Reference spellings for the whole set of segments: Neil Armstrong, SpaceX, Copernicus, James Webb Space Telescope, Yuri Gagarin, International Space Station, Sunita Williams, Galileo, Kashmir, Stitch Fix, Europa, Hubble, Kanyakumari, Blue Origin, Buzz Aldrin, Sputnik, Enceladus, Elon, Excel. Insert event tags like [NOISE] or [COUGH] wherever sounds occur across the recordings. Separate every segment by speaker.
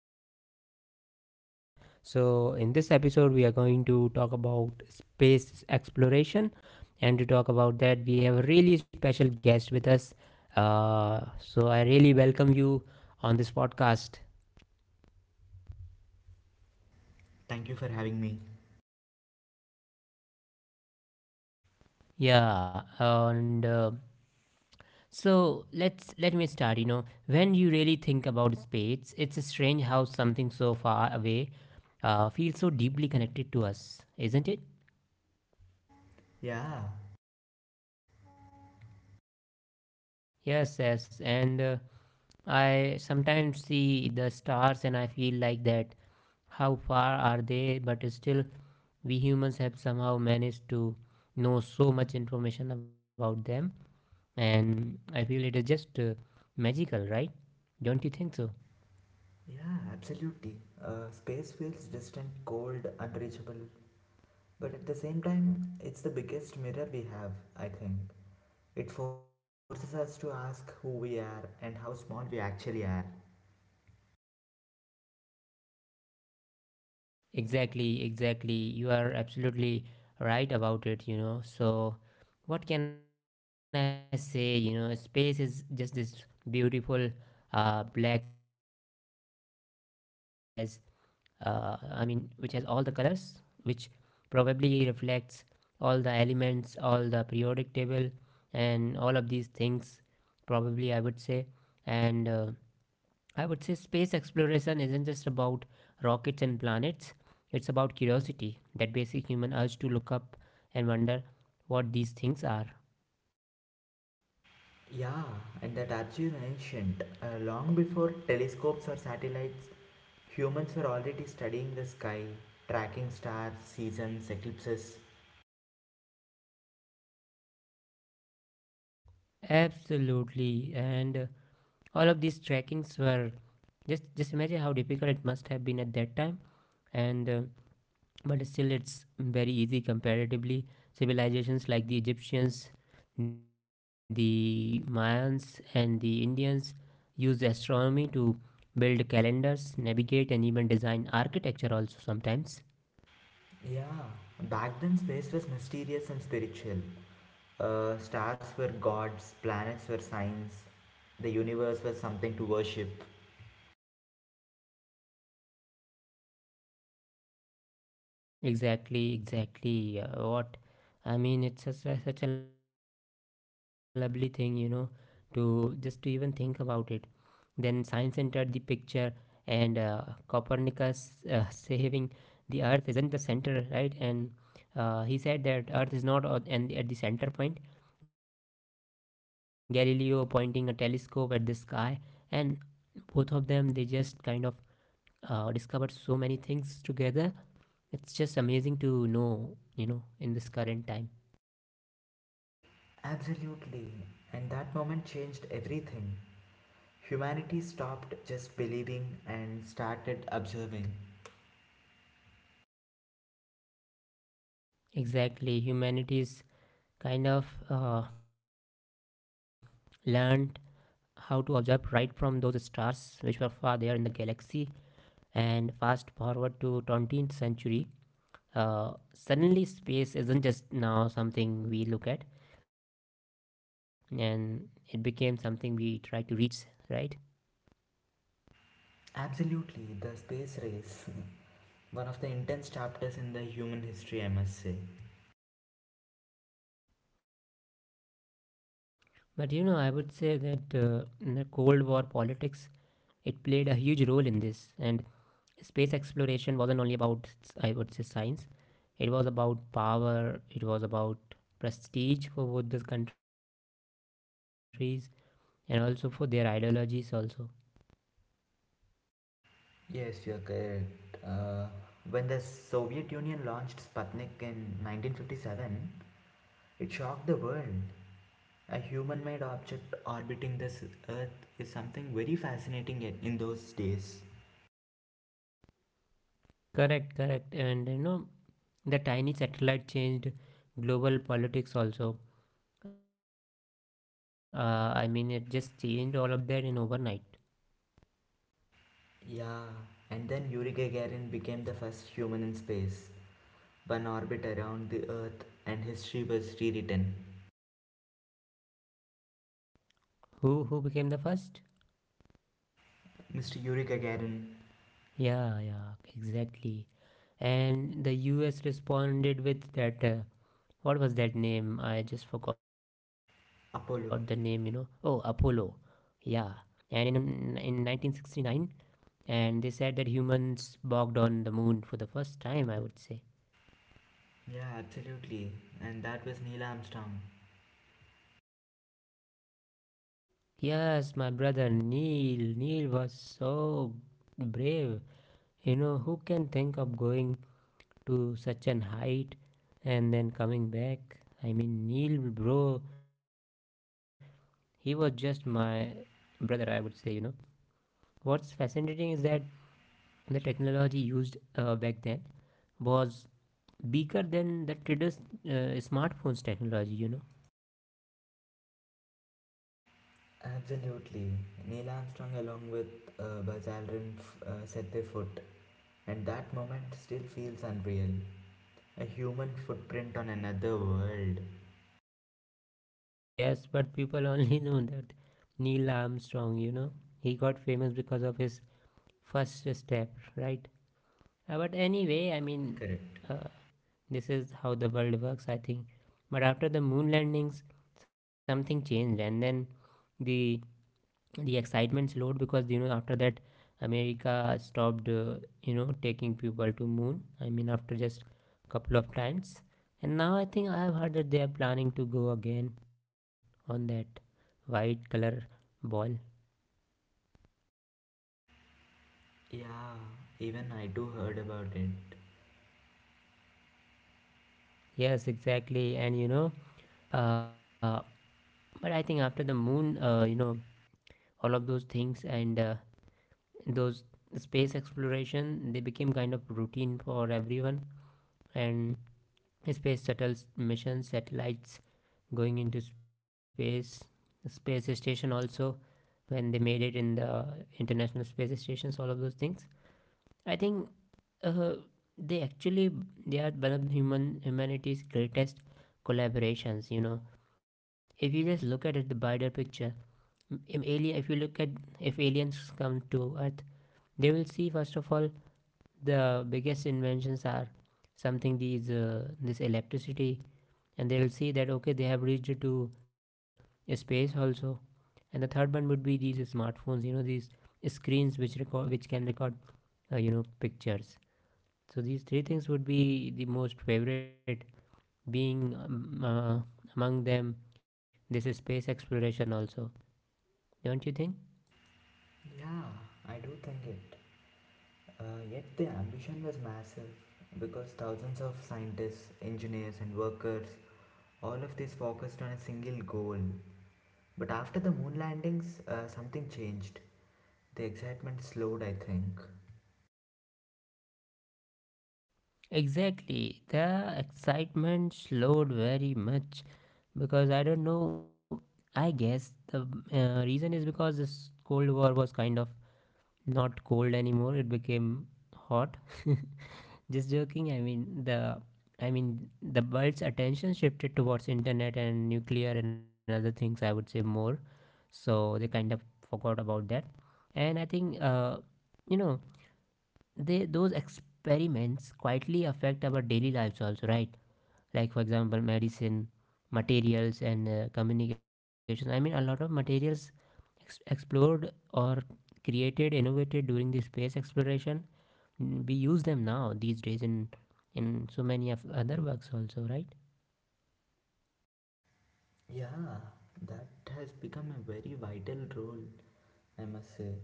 Speaker 1: to technology and other stuff. So, in this episode, we are going to talk about space exploration, and to talk about that, we have a really special guest with us. So, I really welcome you on this podcast.
Speaker 2: Thank you for having me.
Speaker 1: Yeah, and so let me start. You know, when you really think about space, it's strange how something so far away feels so deeply connected to us, isn't it?
Speaker 2: Yeah,
Speaker 1: Yes, yes. And I sometimes see the stars, and I feel like that. How far are they? But still, we humans have somehow managed to know so much information about them, and I feel it is just magical, right? Don't you think so?
Speaker 2: yeah, absolutely. Space feels distant, cold, unreachable, but at the same time, it's the biggest mirror we have, I think. It forces us to ask who we are and how small we actually are.
Speaker 1: Exactly, exactly. You are absolutely right about it, you know. So, what can I say? You know, space is just this beautiful black thing which has, I mean, which has all the colors, which probably reflects all the elements, all the periodic table, and all of these things, probably, I would say. And I would say space exploration isn't just about rockets and planets, it's about curiosity, that basic human urge to look up and wonder what these things are.
Speaker 2: Yeah, and that archive ancient. Long before telescopes or satellites, humans were already studying the sky, tracking stars, seasons, eclipses.
Speaker 1: Absolutely, and all of these trackings were just imagine how difficult it must have been at that time, and but still it's very easy comparatively. Civilizations like the egyptians, the mayans and the indians used astronomy to build calendars, navigate and even design architecture also sometimes.
Speaker 2: Yeah, back then space was mysterious and spiritual. Stars were gods, planets were signs, the universe was something to worship.
Speaker 1: Exactly, exactly. What I mean, it's such a lovely thing, you know, to just to even think about it. Then science entered the picture, and Copernicus saying the Earth is not the center, right? And he said that Earth is not at, and at the center point. Galileo pointing a telescope at the sky, and both of them they just kind of discovered so many things together. It's just amazing to know, you know, in this current time.
Speaker 2: Absolutely, and that moment changed everything. Humanity stopped just believing and started observing.
Speaker 1: Exactly, humanity's kind of learned how to observe, right from those stars which were far there in the galaxy, and fast forward to 20th century. Suddenly space isn't just now something we look at, and it became something we try to reach, right?
Speaker 2: Absolutely, the space race. [LAUGHS] One of the intense chapters in the human history, I must say.
Speaker 1: But you know, I would say that in the Cold War politics, it played a huge role in this, and space exploration wasn't only about, I would say, science. It was about power, it was about prestige for both these countries, and also for their ideologies also.
Speaker 2: Yes, you're correct. When the Soviet Union launched Sputnik in 1957, it shocked the world. A human made object orbiting this Earth is something very fascinating in those days.
Speaker 1: Correct, correct. And you know, the tiny satellite changed global politics also. I mean, it just changed all of that in overnight.
Speaker 2: Yeah, and then Yuri Gagarin became the first human in space. One orbit around the Earth, and history was rewritten.
Speaker 1: Who became the first?
Speaker 2: Mr. Yuri Gagarin,
Speaker 1: Yeah, yeah, exactly. And the U.S. responded with that. What was that name? I just forgot the name, you know. Oh,
Speaker 2: Apollo.
Speaker 1: Apollo. Yeah, and in 1969, and they said that humans walked on the moon for the first time, I would say.
Speaker 2: Yeah, absolutely. And that was Neil Armstrong.
Speaker 1: Yes, my brother Neil. Neil was so brave. You know, who can think of going to such an height and then coming back? I mean, Neil, bro, he was just my brother, I would say. You know, what's fascinating is that the technology used back then was bigger than the today's smartphones technology, you know.
Speaker 2: Absolutely. Neil Armstrong, along with Buzz Aldrin, set their foot, and that moment still feels unreal. A human footprint on another world.
Speaker 1: Yes, but people [LAUGHS] only know that Neil Armstrong, you know, he got famous because of his first step, right? But anyway, I mean,
Speaker 2: Correct.
Speaker 1: uh, this is how the world works, I think. But after the moon landings, something changed, and then the the excitement slowed, because you know, after that America stopped you know, taking people to moon, I mean, after just couple of times. And now I think I have heard that they are planning to go again on that white color ball.
Speaker 2: Yeah, even I too heard about it.
Speaker 1: Yes, exactly. And you know, uh, but I think after the moon, you know, all of those things, and those space exploration, they became kind of routine for everyone, and space shuttles, missions, satellites going into space, space station also, when they made it in the International Space Stations, all of those things, I think, uh, they actually, they are one of humanity's greatest collaborations, you know. If you just look at it, the wider picture, in alien, if you look at, if aliens come to earth, they will see, first of all, the biggest inventions are something, these this electricity, and they'll see that, okay, they have reached to space also, and the third one would be these smartphones, you know, these screens which record, which can record you know, pictures. So these three things would be the most favorite being among them, this space exploration also, don't you think?
Speaker 2: Yeah, I do think it. Uh, Yet the ambition was massive because thousands of scientists, engineers, and workers, all of this focused on a single goal. But after the moon landings, something changed. The excitement slowed, I think.
Speaker 1: Exactly. The excitement slowed very much because I don't know. I guess the reason is because this Cold War was kind of not cold anymore. It became hot. [LAUGHS] Just joking. I mean the world's attention shifted towards internet and nuclear and other things, I would say, more. So they kind of forgot about that. And I think you know, they, those experiments quietly affect our daily lives also, right? Like for example, medicine, materials and communication. I mean, a lot of materials explored or created, innovated during the space exploration. Mm, we use them now these days in so many of other works also, right?
Speaker 2: Yeah, that has become a very vital role, I must say.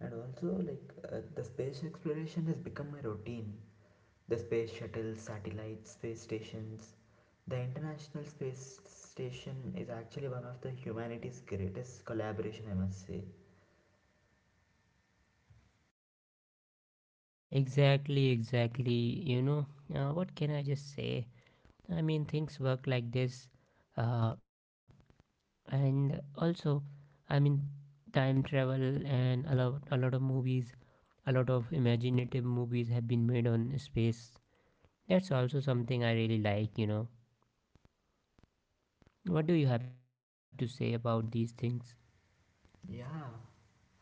Speaker 2: And also, like, the space exploration has become a routine. The space shuttle, satellites, space stations. The International Space Station is actually one of the humanity's greatest collaboration, I must say.
Speaker 1: Exactly, exactly, you know. What can I just say? I mean, things work like this. uh, and also, I mean, time travel and a lot of movies. A lot of imaginative movies have been made on space. That's also something I really like, you know. What do you have to say about these things?
Speaker 2: Yeah,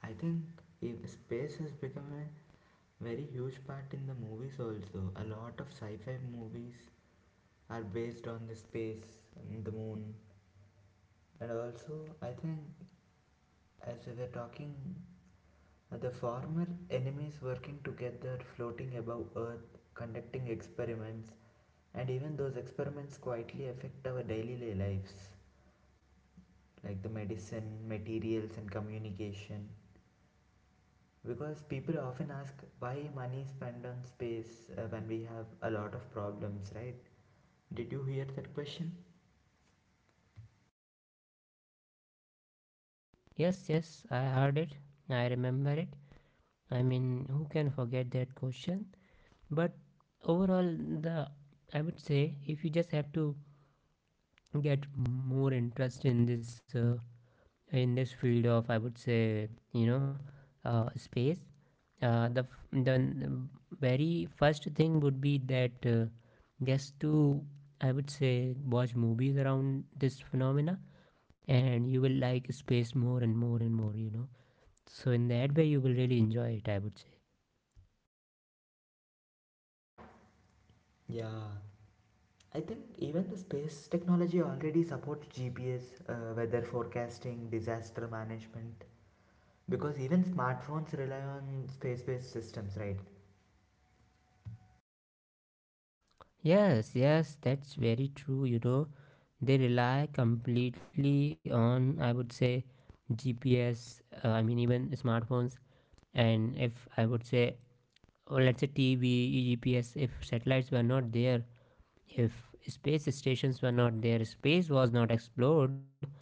Speaker 2: I think if space has become a very huge part in the movies also. A lot of sci-fi movies are based on the space and the moon. And also, I think as we were talking, the former enemies working together, floating above Earth, conducting experiments, and even those experiments quietly affect our daily lives, like the medicine, materials, and communication. Because people often ask why money is spent on space when we have a lot of problems, right? Did you hear that question?
Speaker 1: Yes, yes, I heard it. I remember it. I mean, who can forget that question? But overall, the I would say, if you just have to get more interest in this field of, I would say, you know, space. The very first thing would be that just to, I would say, watch movies around this phenomena, and you will like space more and more and more, you know. So in that way you will really enjoy it, I would say.
Speaker 2: Yeah, I think even the space technology already supports GPS, weather forecasting, disaster management, because even smartphones rely on space based systems, right?
Speaker 1: Yes, yes, that's very true, you know. They rely completely on, I would say, GPS. I mean, even smartphones, and if I would say, or let's say TV, GPS. If satellites were not there, if space stations were not there, space was not explored,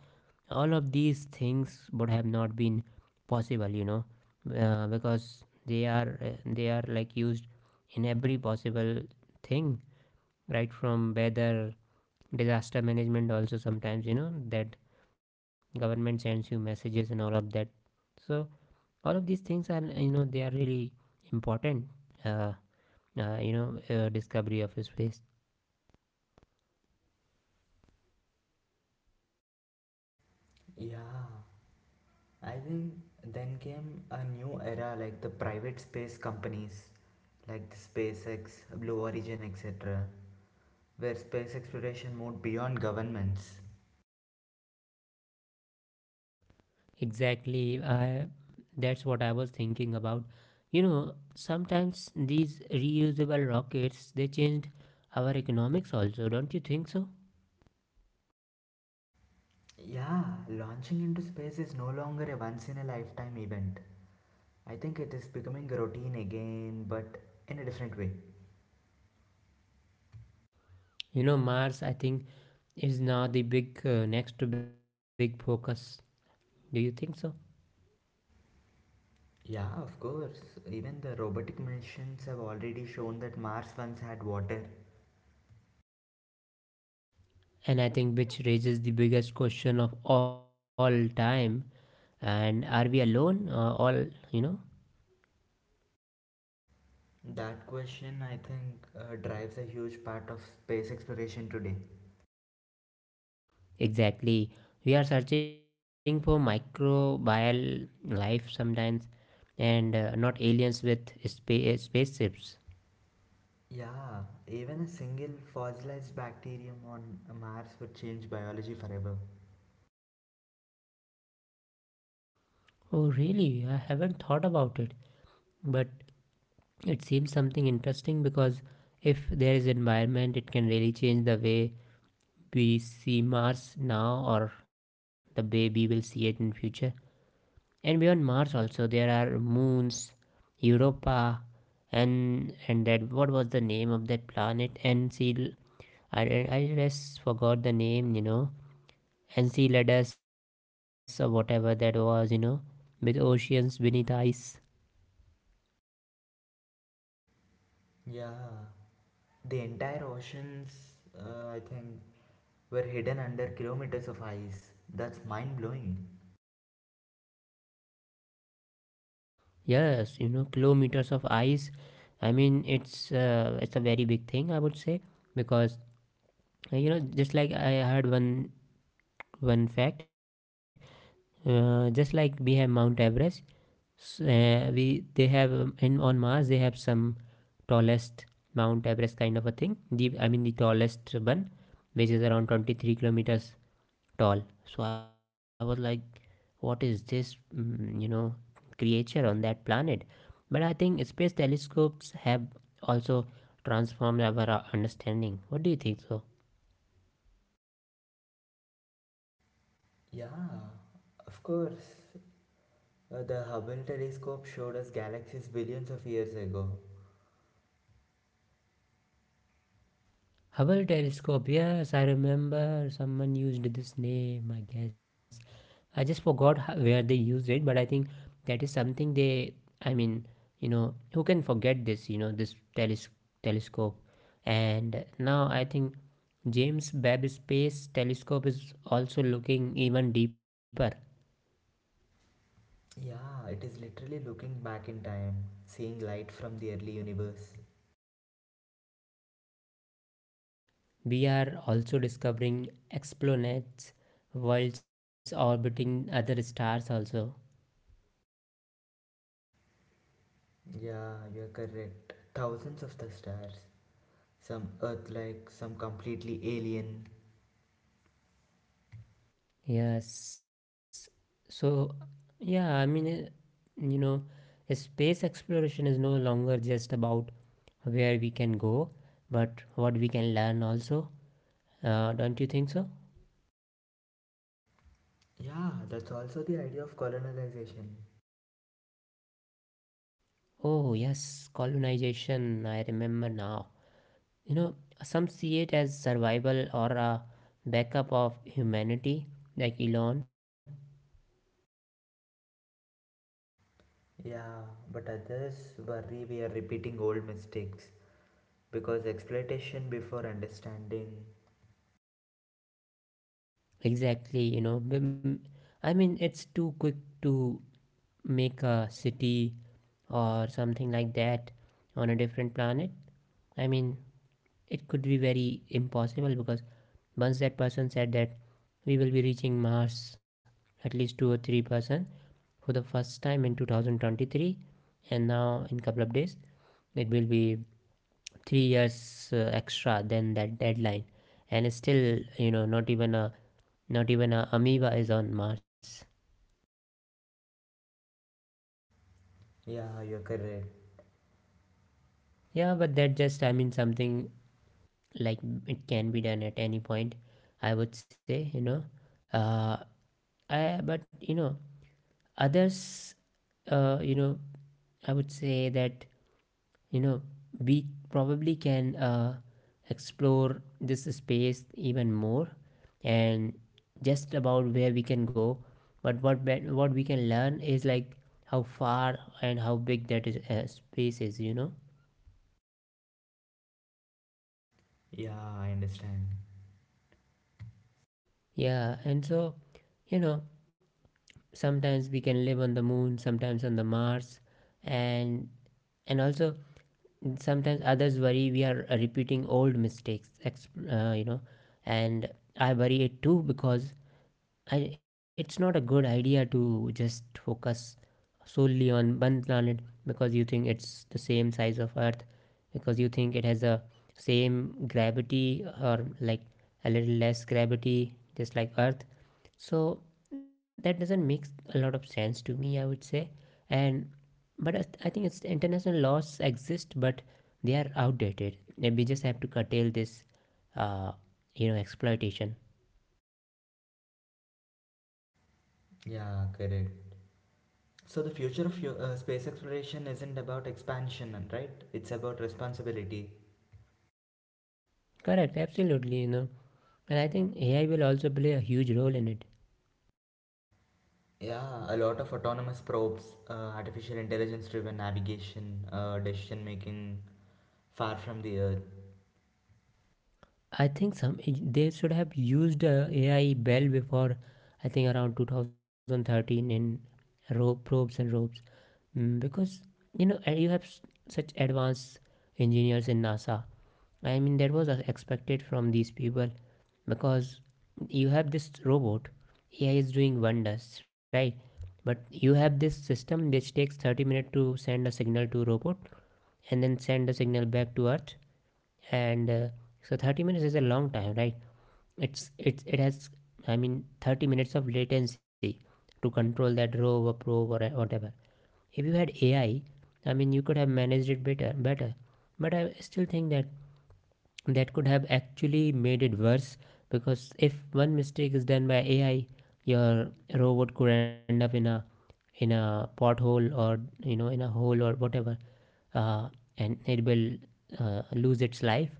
Speaker 1: all of these things would have not been possible, you know, because they are like used in every possible thing, right from weather, disaster management, also sometimes, you know, that government sends you messages and all of that. So all of these things are, you know, they are really important. Uh, you know, discovery of space.
Speaker 2: Yeah, I think then came a new era like the private space companies like the SpaceX, Blue Origin, etc., where space exploration moved beyond governments.
Speaker 1: Exactly. I That's what I was thinking about. You know, sometimes these reusable rockets, they changed our economics also, don't you think so?
Speaker 2: Yeah, launching into space is no longer a once in a lifetime event. I think it is becoming a routine again, but in a different way.
Speaker 1: You know, Mars, I think, is now the big next to big focus. Do you think so?
Speaker 2: Yeah, of course. Even the robotic missions have already shown that Mars once had water.
Speaker 1: And I think, which raises the biggest question of all time, and are we alone all, you know?
Speaker 2: That question, I think, drives a huge part of space exploration today.
Speaker 1: Exactly. We are searching for microbial life sometimes, and not aliens with spaceships.
Speaker 2: Yeah, even a single fossilized bacterium on Mars would change biology forever.
Speaker 1: Oh, really? I haven't thought about it, but it seems something interesting, because if there is environment, it can really change the way we see Mars now, or the way we will see it in future. And beyond Mars, also there are moons, Europa, and that, what was the name of that planet? And see, I I just forgot the name, you know, Enceladus or whatever that was, you know, with oceans beneath ice.
Speaker 2: Yeah, the entire oceans, I think, were hidden under kilometers of ice. That's mind blowing.
Speaker 1: Yes, you know, kilometers of ice. I mean, it's a very big thing, I would say, because you know, just like I heard one fact, just like we have Mount Everest, s- we they have in, on Mars they have some tallest Mount Everest kind of a thing. The I mean the tallest one, which is around 23 kilometers tall. So I was like, what is this you know, creature on that planet. But I think space telescopes have also transformed our understanding. What do you think so?
Speaker 2: Yeah, of course. The Hubble telescope showed us galaxies billions of years ago.
Speaker 1: Hubble telescope. Yes, I remember someone used this name, I guess. I just forgot where they used it, but I think that is something they, I mean, you know, who can forget this, you know, this telescope. And now I think James Webb Space Telescope is also looking even deeper.
Speaker 2: Yeah, it is literally looking back in time, seeing light from the early universe.
Speaker 1: We are also discovering exoplanets, worlds orbiting other stars also.
Speaker 2: Yeah, you're correct. Thousands of the stars, some Earth like, some completely alien.
Speaker 1: Yes. So, yeah, I mean, you know, space exploration is no longer just about where we can go, but what we can learn also. Don't you think so?
Speaker 2: Yeah, that's also the idea of colonization.
Speaker 1: Oh, yes, colonization, I remember now. You know, some see it as survival or a backup of humanity, like Elon.
Speaker 2: Yeah, but others worry we are repeating old mistakes because exploitation before understanding.
Speaker 1: Exactly. I mean, it's too quick to make a city or something like that on a different planet. I mean, it could be very impossible because once that person said that we will be reaching Mars, at least two or three person for the first time in 2023, and now in couple of days it will be 3 years extra than that deadline. And still, not even a amoeba is on Mars.
Speaker 2: Yeah, you're correct.
Speaker 1: Yeah, but that just, I mean, something like, it can be done at any point, I would say. Uh I But others, uh you know I would say that, you know we probably can explore this space even more. And just about where we can go, but what we can learn is like how far and how big that is space is,
Speaker 2: Yeah, I understand.
Speaker 1: yeah. And so, you know sometimes we can live on the moon, sometimes on the Mars. And and also, sometimes others worry we are repeating old mistakes. And I worry it too because it's not a good idea to just focus solely on one planet, because you think it's the same size of Earth, because you think it has the same gravity, or like a little less gravity, just like Earth. So that doesn't make a lot of sense to me, I would say. And but I think it's international laws exist, but they are outdated, and we just have to curtail this uh, exploitation.
Speaker 2: Yeah, correct. So the future of your, space exploration isn't about expansion, and right? It's about responsibility.
Speaker 1: Correct, absolutely. And I think AI will also play a huge role in it.
Speaker 2: Yeah, a lot of autonomous probes, artificial intelligence-driven navigation, decision making far from the Earth.
Speaker 1: I think some they should have used AI well before, I think around 2013, in rope probes and ropes. Because and you have such advanced engineers in NASA. I mean, that was expected from these people, because you have this robot. AI is doing wonders, right? But you have this system which takes 30 minutes to send a signal to robot, and then send the signal back to Earth. And so 30 minutes is a long time, right? It has, I mean, 30 minutes of latency to control that rover probe, or whatever. If you had AI, I mean, you could have managed it better. But I still think that could have actually made it worse, because if one mistake is done by AI, your robot could end up in a, in a pothole, or in a hole or whatever. uh, and it will lose its life.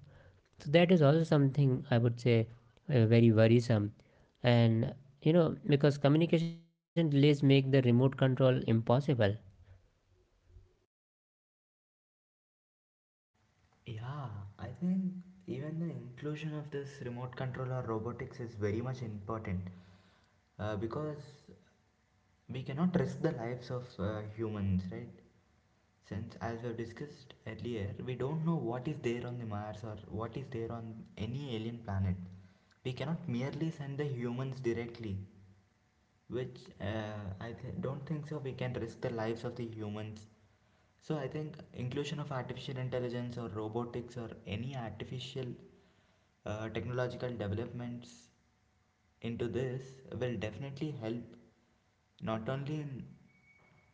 Speaker 1: So that is also something, I would say, very worrisome. And you know Because communication delays make the remote control impossible.
Speaker 2: Yeah, I think even the inclusion of this remote control or robotics is very much important because we cannot risk the lives of humans, right? Since, as we've discussed earlier, we don't know what is there on the Mars or what is there on any alien planet. We cannot merely send the humans directly, which don't think so. We can risk the lives of the humans. So I think inclusion of artificial intelligence or robotics or any artificial technological developments into this will definitely help not only in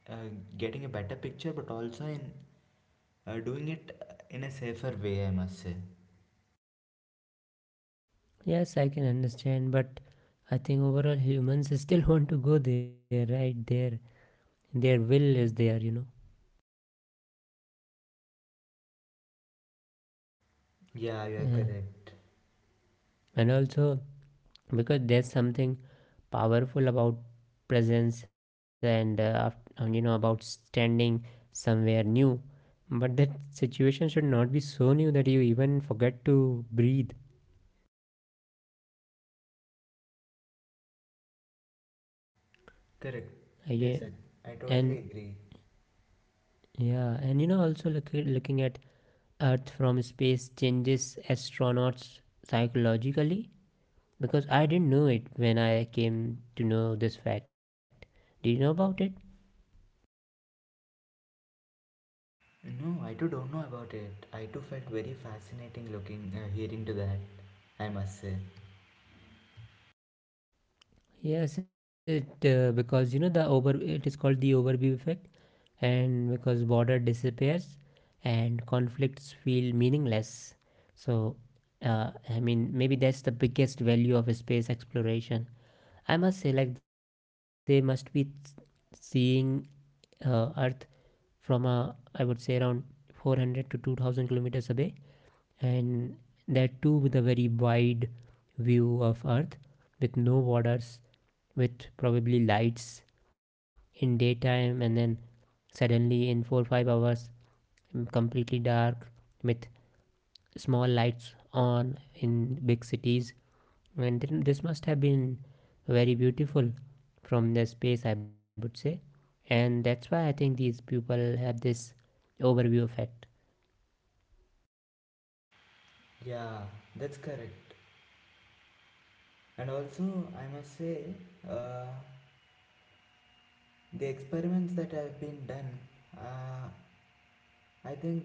Speaker 2: uh, getting a better picture, but also in doing it in a safer way, I must say.
Speaker 1: Yes, I can understand, but I think overall humans [LAUGHS] still want to go there, right? Their will is there.
Speaker 2: Yeah, you are
Speaker 1: Yeah.
Speaker 2: correct.
Speaker 1: And also, because there's something powerful about presence, and about standing somewhere new. But that situation should not be so new that you even forget to breathe.
Speaker 2: Correct.
Speaker 1: I
Speaker 2: Yes,
Speaker 1: ge-
Speaker 2: I totally
Speaker 1: and
Speaker 2: agree.
Speaker 1: yeah, and also, looking at Earth from space changes astronauts psychologically. Because I didn't know it when I came to know this fact. Do you know about it?
Speaker 2: No, I too don't know about it. I too felt very fascinating looking, hearing to that, I must say.
Speaker 1: Yes, it because the over it is called the overview effect. And because border disappears and conflicts feel meaningless. So I mean, maybe that's the biggest value of space exploration, I must say. Like they must be seeing Earth from, a I would say, around 400 to 2000 kilometers away. And that too with a very wide view of Earth, with no waters, with probably lights in daytime. And then, suddenly, in 4 to 5 hours, completely dark with small lights on in big cities. And this must have been very beautiful from the space, I would say. And that's why I think these people have this overview effect.
Speaker 2: Yeah, that's correct. And also, I must say, uh, the experiments that have been done, uh, I think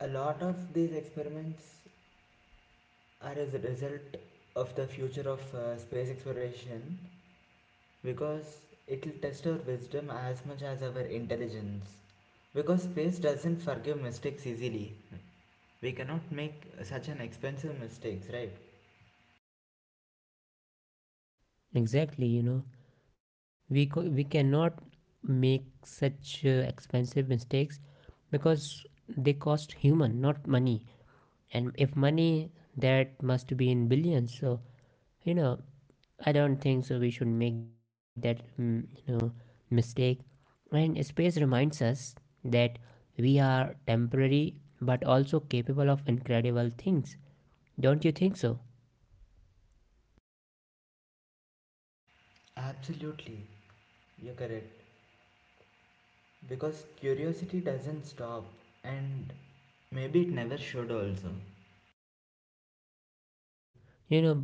Speaker 2: a lot of these experiments are as a result of the future of space exploration because it'll test our wisdom as much as our intelligence. Because space doesn't forgive mistakes easily. We cannot make such an expensive mistakes, right?
Speaker 1: Exactly, we cannot make such expensive mistakes, because they cost human, not money. And if money, that must be in billions. So, you know, I don't think so. We should make that mistake. And space reminds us that we are temporary, but also capable of incredible things. Don't you think so?
Speaker 2: Absolutely, you're correct. Because curiosity doesn't stop and maybe it never should also.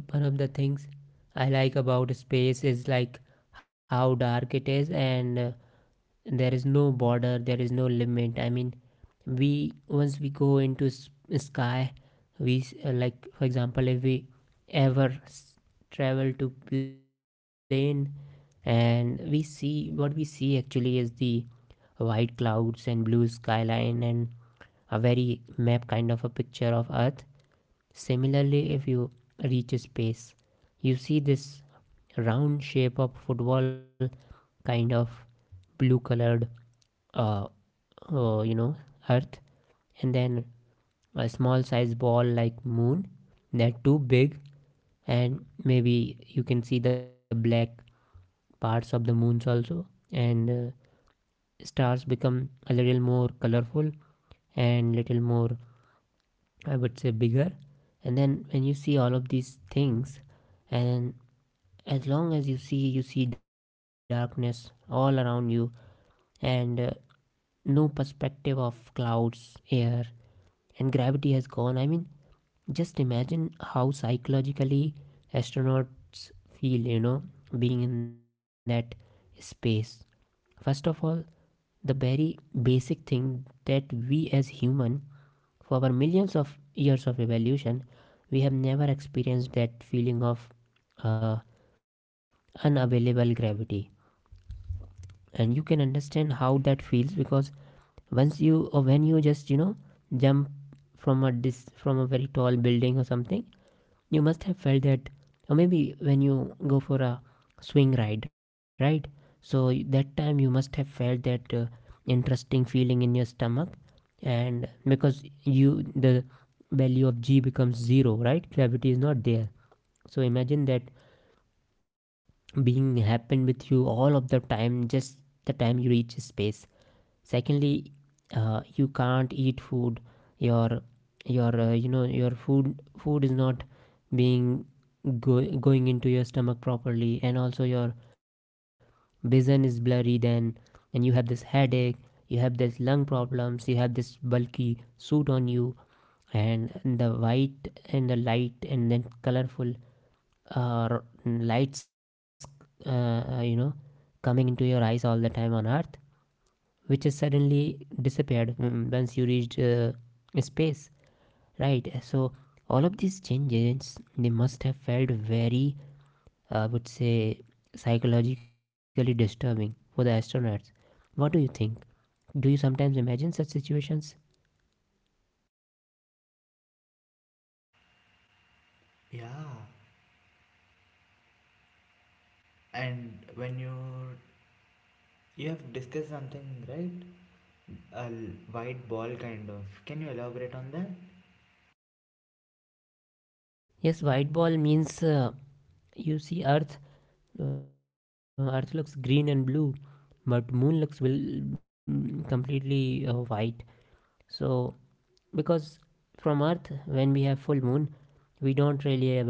Speaker 1: You know, one of the things I like about space is, like, how dark it is. And there is no border, there is no limit. I mean, we once we go into sky, like for example, if we ever s- travel to plane, and we see what we see actually is the white clouds and blue skyline, and a very map kind of a picture of Earth. Similarly, if you reach space, you see this round shape of football, kind of blue colored, uh, uh, you know, Earth, and then a small size ball like moon. They're too big, and maybe you can see the black parts of the moons also. And stars become a little more colorful, and little more, I would say, bigger. And then when you see all of these things, and as long as you see darkness all around you, and no perspective of clouds, air, and gravity has gone. I mean, just imagine how psychologically astronauts feel, being in that space. First of all, the very basic thing that we, as human, for our millions of years of evolution, we have never experienced that feeling of uh, unavailable gravity. And you can understand how that feels, because once you, or when you just, jump from a dis from a very tall building or something, you must have felt that. Or maybe when you go for a swing ride, right? So that time you must have felt that interesting feeling in your stomach. And because you the value of g becomes zero, right? Gravity is not there. So imagine that being happen with you all of the time, just the time you reach space. Secondly, you can't eat food. Your your uh, you know your food food is not being going into your stomach properly. And also your vision is blurry then, and you have this headache, you have this lung problems, you have this bulky suit on you. And the white and the light and then colorful uh, lights, uh, uh, you know coming into your eyes all the time on Earth, which is suddenly disappeared, once you reached space, right? So all of these changes, they must have felt very, I would say, psychologically disturbing for the astronauts. What do you think? Do you sometimes imagine such situations?
Speaker 2: Yeah, and when you have discussed something, right? A white ball kind of. Can you elaborate on that?
Speaker 1: Yes, white ball means, you see Earth. Earth looks green and blue, but moon looks, completely white. So because from Earth, when we have full moon, we don't really able to see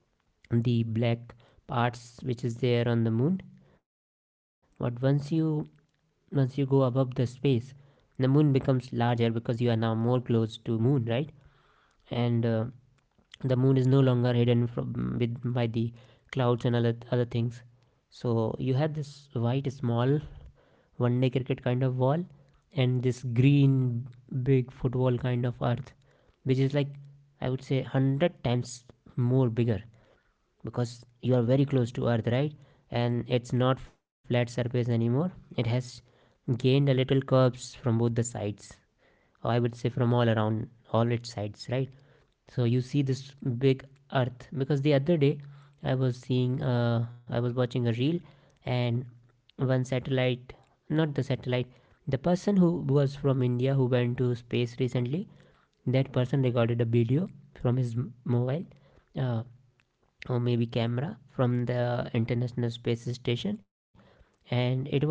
Speaker 1: the black parts which is there on the moon. But once you go above the space, the moon becomes larger, because you are now more close to moon, right? And the moon is no longer hidden from, with by the clouds and other things. So you had this white small one day cricket kind of wall, and this green big football kind of Earth, which is, like, I would say, 100 times more bigger, because you are very close to Earth, right? And it's not flat surface anymore, it has gained a little curves from both the sides, or I would say from all around all its sides, right? So you see this big Earth. Because the other day, I was watching a reel. And one satellite not the satellite, the person who was from India who went to space recently, that person recorded a video from his mobile, uh, or maybe camera, from the International Space Station. And it was like,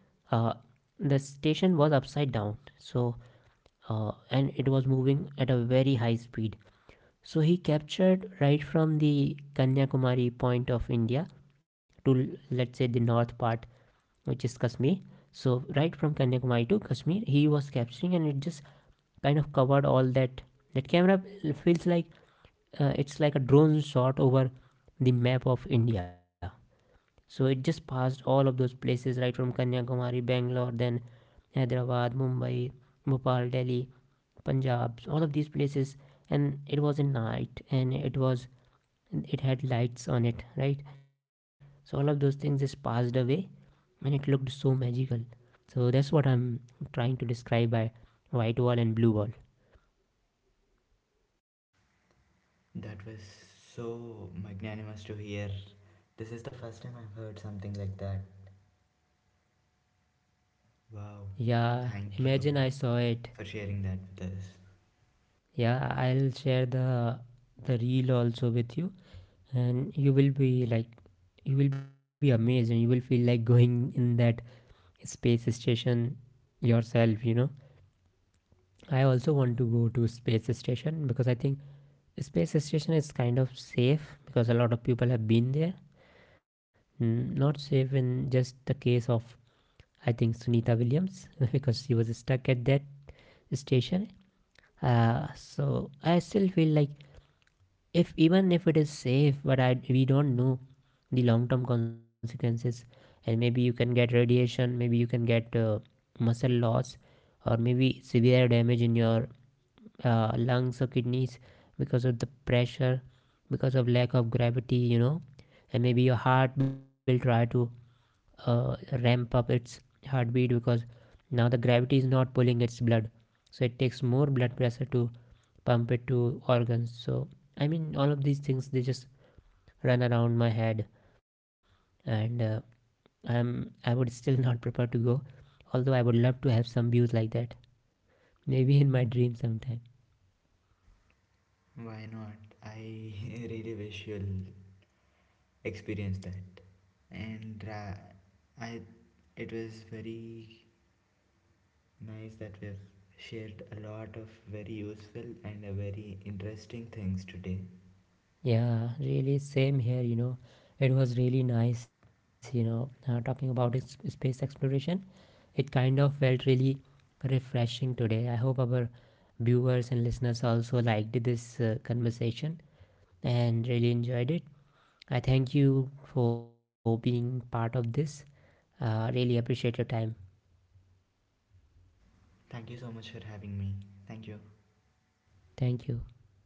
Speaker 1: uh, the station was upside down. So and it was moving at a very high speed, so he captured right from the Kanyakumari point of India to, let's say, the north part, which is Kashmir. So right from Kanyakumari to Kashmir, he was capturing, and it just kind of covered all that. That camera feels like, it's like a drone shot over the map of India. So it just passed all of those places, right from Kanyakumari, Bangalore, then Hyderabad, Mumbai, Bhopal, Delhi, Punjab, all of these places, and it was in night, and it had lights on it, right? So all of those things just passed away, and it looked so magical. So that's what I'm trying to describe by white wall and blue wall.
Speaker 2: That was so magnanimous to hear. This is the first time I've heard something like that. Wow. Thank
Speaker 1: Yeah,
Speaker 2: you
Speaker 1: imagine I saw
Speaker 2: for
Speaker 1: it.
Speaker 2: sharing that with us.
Speaker 1: Yeah, I'll share the reel also with you, and you will be amazed, and you will feel like going in that space station yourself, I also want to go to space station, because I think space station is kind of safe, because a lot of people have been there. Not safe in just the case of, I think, Sunita Williams [LAUGHS] because she was stuck at that station. So I still feel like, if even if it is safe, but I we don't know the long term consequences. And maybe you can get radiation, maybe you can get muscle loss, or maybe severe damage in your lungs or kidneys because of the pressure, because of lack of gravity, you know. And maybe your heart will try to uh, ramp up its heartbeat, because now the gravity is not pulling its blood, so it takes more blood pressure to pump it to organs. So I mean, all of these things, they just run around my head. And i'm I would still [LAUGHS] not prepare to go, although I would love to have some views like that, maybe in my dream sometime.
Speaker 2: Why not? I [LAUGHS] really wish you'll experience that. And I, it was very nice that we've shared a lot of very useful and very interesting things today.
Speaker 1: Yeah, really same here, it was really nice, talking about space exploration. It kind of felt really refreshing today. I hope our viewers and listeners also liked this conversation, and really enjoyed it. I thank you for being part of this. Really appreciate your time.
Speaker 2: Thank you so much for having me. Thank you.
Speaker 1: Thank you.